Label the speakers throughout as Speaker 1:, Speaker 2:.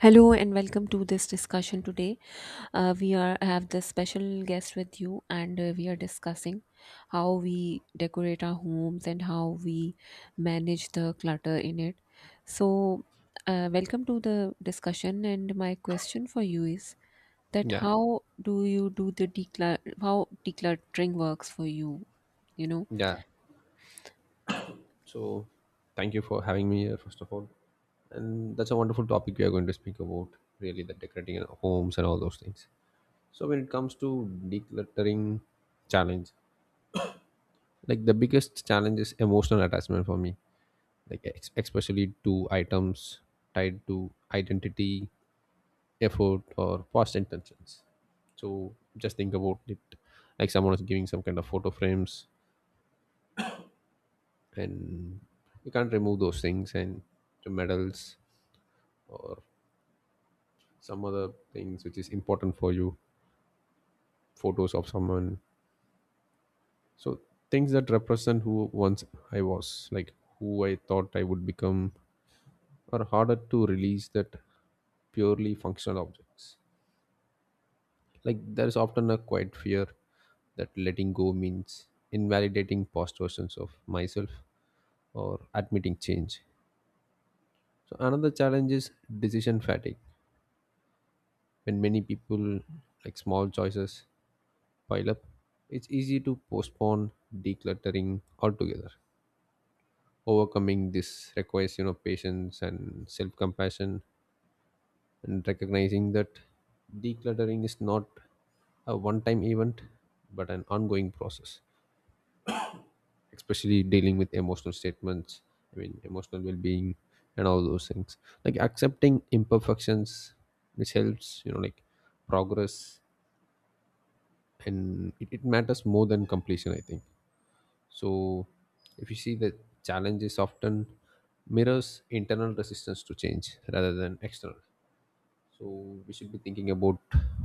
Speaker 1: Hello and welcome to this discussion today. We are have this special guest with you, and we are discussing how we decorate our homes and how we manage the clutter in it. So, welcome to the discussion. And my question for you is that
Speaker 2: Yeah,
Speaker 1: how do you do the declur how decluttering works for you? You know.
Speaker 2: yeah. So, thank you for having me here, first of all. And that's a wonderful topic we are going to speak about, really the decorating and homes and all those things. So, when it comes to decluttering challenge, like the biggest challenge is emotional attachment for me, like especially to items tied to identity, effort, or past intentions. So, just think about it, like someone is giving some kind of photo frames and you can't remove those things, and the medals or some other things which is important for you, photos of someone. So things that represent who once I was, like who I thought I would become, are harder to release that purely functional objects. Like there is often a quiet fear that letting go means invalidating past versions of myself or admitting change. So another challenge is decision fatigue. When many people, like small choices pile up, it's easy to postpone decluttering altogether. Overcoming this requires, you know, patience and self-compassion, and recognizing that decluttering is not a one-time event but an ongoing process, especially dealing with emotional statements, I mean emotional well-being and all those things, like accepting imperfections, which helps, you know, like progress. And it matters more than completion, I think. So if you see, the challenges often mirrors internal resistance to change rather than external. So we should be thinking about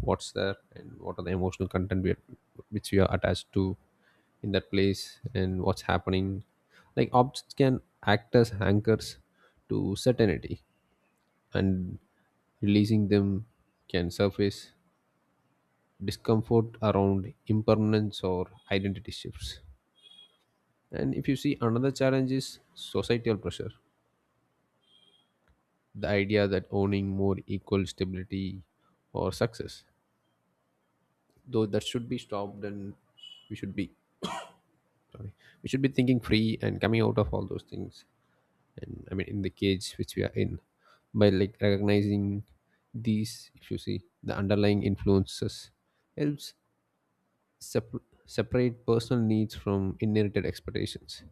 Speaker 2: what's there and what are the emotional content we are, which we are attached to in that place, and what's happening. Like objects can act as anchors to certainty, and releasing them can surface discomfort around impermanence or identity shifts. And if you see, another challenge is societal pressure, the idea that owning more equal stability or success. Though that should be stopped, and we should be sorry, we should be thinking free and coming out of all those things. And I mean, in the cage which we are in, by like recognizing these, if you see, the underlying influences helps sep- separate personal needs from inherited expectations.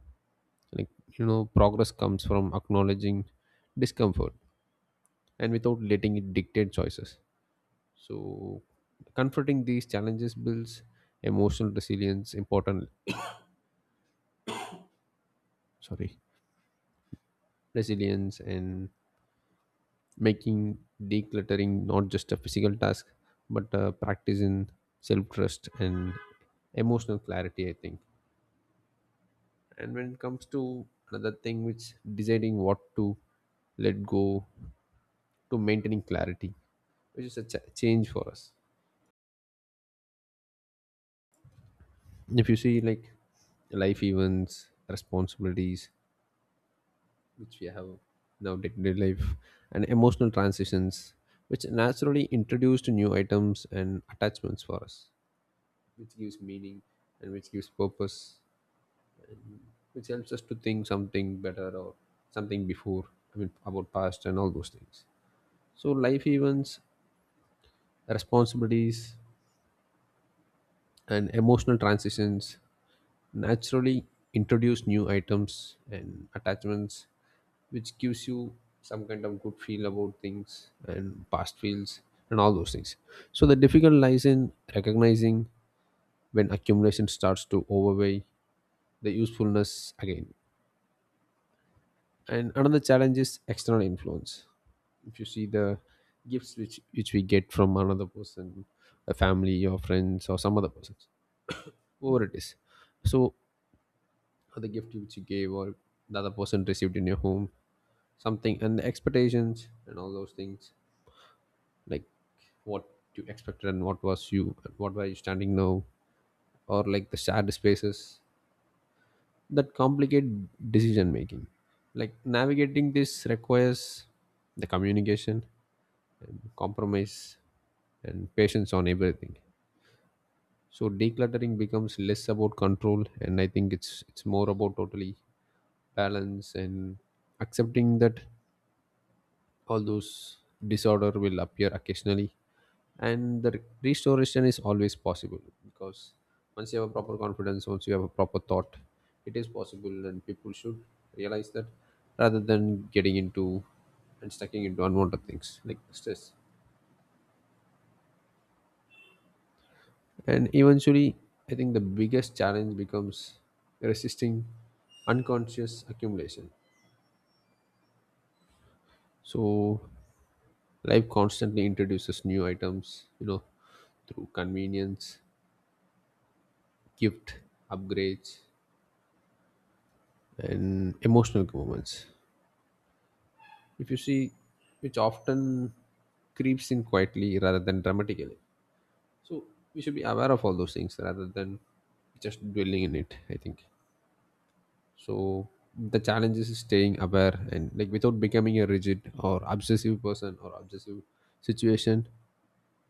Speaker 2: Like, you know, progress comes from acknowledging discomfort and without letting it dictate choices. So, confronting these challenges builds emotional sorry, resilience, and making decluttering not just a physical task but a practice in self trust and emotional clarity, I think. And when it comes to another thing, which deciding what to let go, to maintaining clarity, which is a change for us. If you see like life events, responsibilities, which we have now, day-to-day life and emotional transitions, which naturally introduced new items and attachments for us, which gives meaning and which gives purpose, which helps us to think something better or something before, I mean about past and all those things. So life events, responsibilities, and emotional transitions naturally introduce new items and attachments, which gives you some kind of good feel about things and past feels and all those things. So the difficult lies in recognizing when accumulation starts to overweigh the usefulness again. And another challenge is external influence. If you see, the gifts which we get from another person, a family or friends or some other persons, whoever it is, so, or the gift which you gave or the other person received in your home, something, and the expectations and all those things. Like what you expected and what was you, what were you standing now, or like the shared spaces that complicate decision making. Like navigating this requires the communication and compromise and patience on everything. So decluttering becomes less about control, and I think it's more about totally balance and accepting that all those disorder will appear occasionally, and the restoration is always possible. Because once you have a proper confidence, once you have a proper thought, it is possible, and people should realize that, rather than getting into and stucking into unwanted things like stress. And eventually, I think the biggest challenge becomes resisting unconscious accumulation. So life constantly introduces new items, you know, through convenience, gift, upgrades, and emotional moments. If you see, which often creeps in quietly rather than dramatically. So we should be aware of all those things rather than just dwelling in it, I think. So the challenge is staying aware, and like without becoming a rigid or obsessive person or obsessive situation.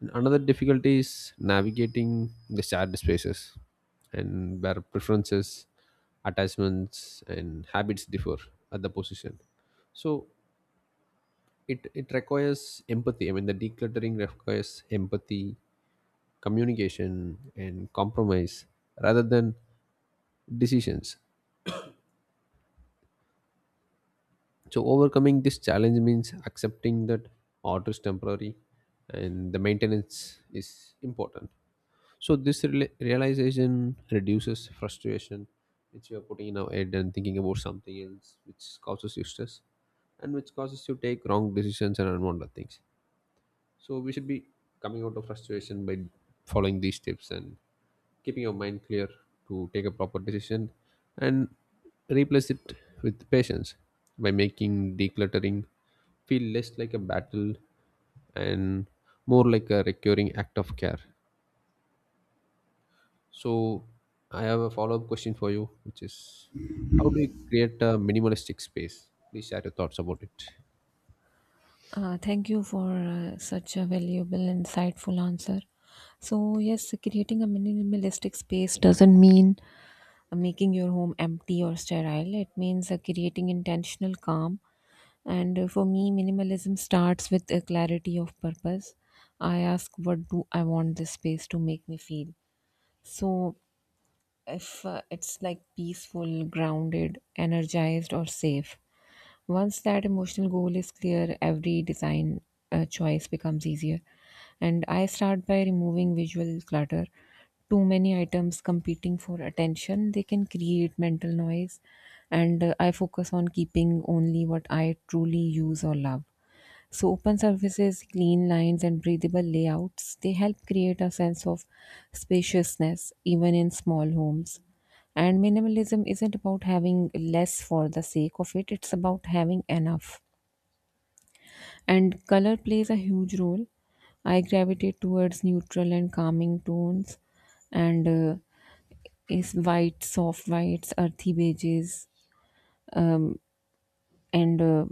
Speaker 2: And another difficulty is navigating the shared spaces, and where preferences, attachments and habits differ at the position. So it requires empathy, I mean the decluttering requires empathy, communication and compromise rather than decisions. So overcoming this challenge means accepting that art is temporary and the maintenance is important. So this realization reduces frustration which you are putting in our head and thinking about something else, which causes you stress and which causes you take wrong decisions and unwanted things. So we should be coming out of frustration by following these tips and keeping your mind clear to take a proper decision, and replace it with patience, by making decluttering feel less like a battle and more like a recurring act of care. So I have a follow-up question for you, which is how do you create a minimalistic space? Please share your thoughts about it.
Speaker 1: Thank you for such a valuable, insightful answer. So, yes, creating a minimalistic space doesn't mean making your home empty or sterile. It means creating intentional calm. And for me, minimalism starts with a clarity of purpose. I ask, what do I want this space to make me feel? So, if it's like peaceful, grounded, energized, or safe. Once that emotional goal is clear, every design choice becomes easier. And I start by removing visual clutter. Too many items competing for attention, they can create mental noise. And I focus on keeping only what I truly use or love. So open surfaces, clean lines, and breathable layouts, they help create a sense of spaciousness even in small homes. And minimalism isn't about having less for the sake of it, it's about having enough. And color plays a huge role. I gravitate towards neutral and calming tones and is white, soft whites, earthy beiges, um, and uh,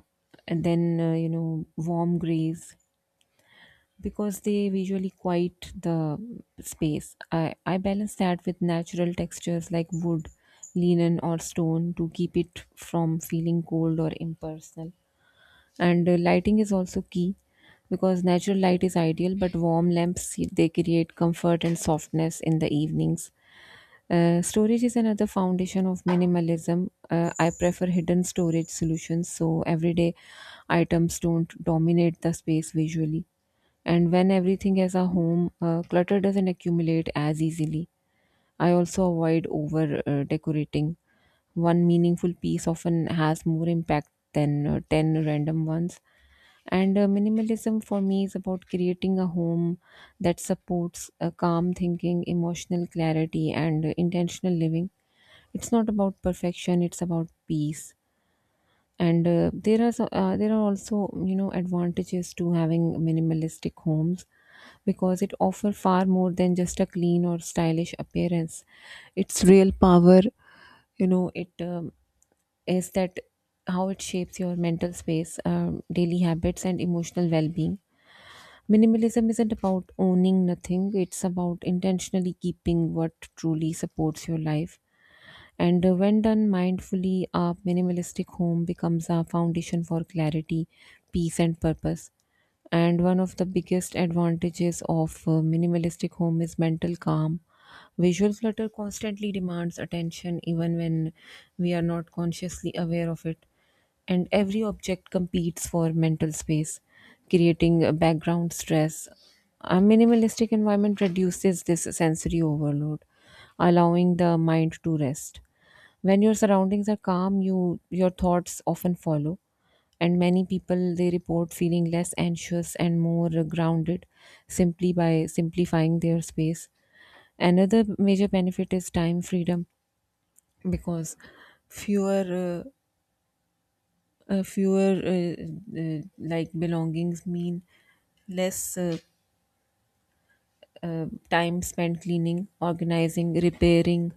Speaker 1: and then you know warm grays because they visually quiet the space. I balance that with natural textures like wood, linen, or stone to keep it from feeling cold or impersonal. And lighting is also key because natural light is ideal, but warm lamps they create comfort and softness in the evenings. Storage is another foundation of minimalism. I prefer hidden storage solutions so everyday items don't dominate the space visually and when everything has a home, clutter doesn't accumulate as easily. I also avoid over decorating. One meaningful piece often has more impact than 10 random ones. And minimalism for me is about creating a home that supports calm thinking, emotional clarity, and intentional living. It's not about perfection, it's about peace. And there are also you know advantages to having minimalistic homes because it offers far more than just a clean or stylish appearance. Its real power, you know, it is that how it shapes your mental space, daily habits, and emotional well-being. Minimalism isn't about owning nothing; it's about intentionally keeping what truly supports your life and when done mindfully, a minimalistic home becomes a foundation for clarity, peace, and purpose. And one of the biggest advantages of minimalistic home is mental calm. Visual clutter constantly demands attention even when we are not consciously aware of it. And every object competes for mental space, creating a background stress. A minimalistic environment reduces this sensory overload, allowing the mind to rest. When your surroundings are calm, your thoughts often follow and many people they report feeling less anxious and more grounded simply by simplifying their space. Another major benefit is time freedom because fewer fewer like belongings mean less time spent cleaning, organizing, repairing,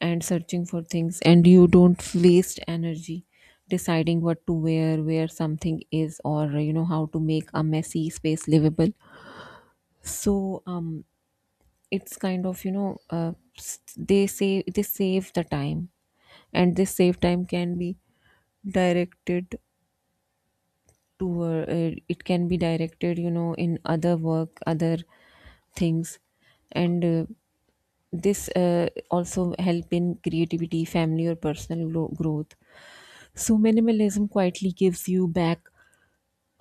Speaker 1: and searching for things, and you don't waste energy deciding what to wear, where something is, or you know how to make a messy space livable. So, it's kind of you know they say they save the time and this save time can be directed to it can be directed you know in other work other things and this also help in creativity family or personal growth. So minimalism quietly gives you back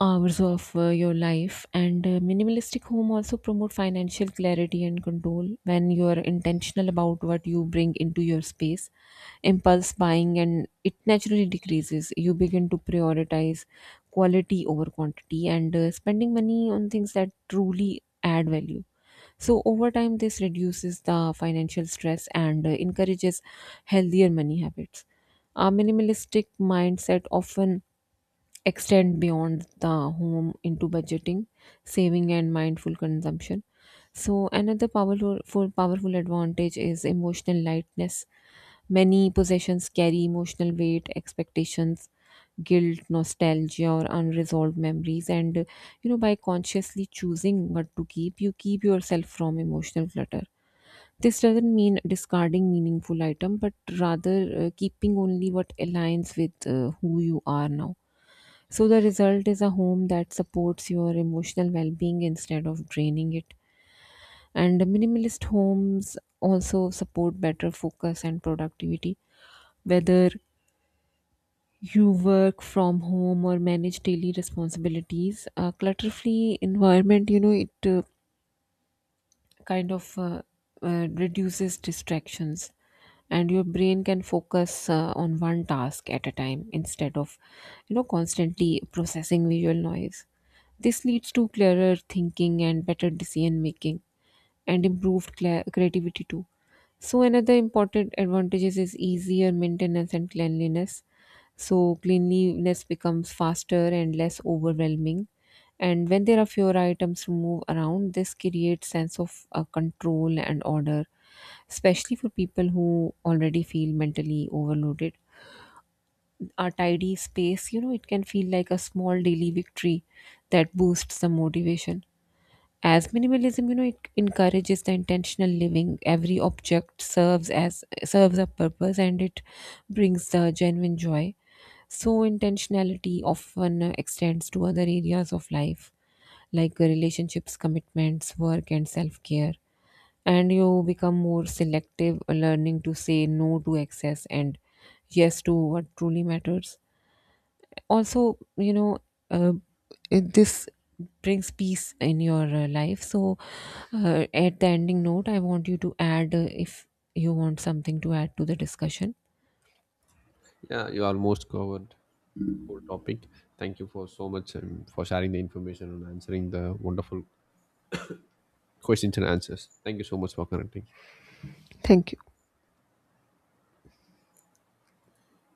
Speaker 1: hours of your life and minimalistic home also promote financial clarity and control when you are intentional about what you bring into your space. Impulse buying and it naturally decreases. You begin to prioritize quality over quantity and spending money on things that truly add value. So over time this reduces the financial stress and encourages healthier money habits. A minimalistic mindset often extend beyond the home into budgeting, saving, and mindful consumption. So, another powerful advantage is emotional lightness. Many possessions carry emotional weight, expectations, guilt, nostalgia, or unresolved memories. And you know, by consciously choosing what to keep, you keep yourself from emotional clutter. This doesn't mean discarding meaningful item, but rather keeping only what aligns with who you are now. So the result is a home that supports your emotional well-being instead of draining it. And the minimalist homes also support better focus and productivity. Whether you work from home or manage daily responsibilities, a clutter-free environment, you know, it kind of uh, reduces distractions and your brain can focus on one task at a time instead of you know constantly processing visual noise. This leads to clearer thinking and better decision making and improved cla creativity too. So another important advantages is easier maintenance and cleanliness. So cleanliness becomes faster and less overwhelming. And when there are fewer items to move around, this creates sense of control and order, especially for people who already feel mentally overloaded. A tidy space, you know, it can feel like a small daily victory that boosts the motivation. As minimalism, you know, it encourages the intentional living. Every object serves a purpose, and it brings the genuine joy. So intentionality often extends to other areas of life, like relationships, commitments, work, and self-care. And you become more selective, learning to say no to excess and yes to what truly matters. Also you know uh, this brings peace in your life. So at the ending note I want you to add if you want something to add to the discussion.
Speaker 2: Yeah, you almost covered whole topic. Thank you for so much for sharing the information and answering the wonderful questions and answers. Thank you so much for connecting.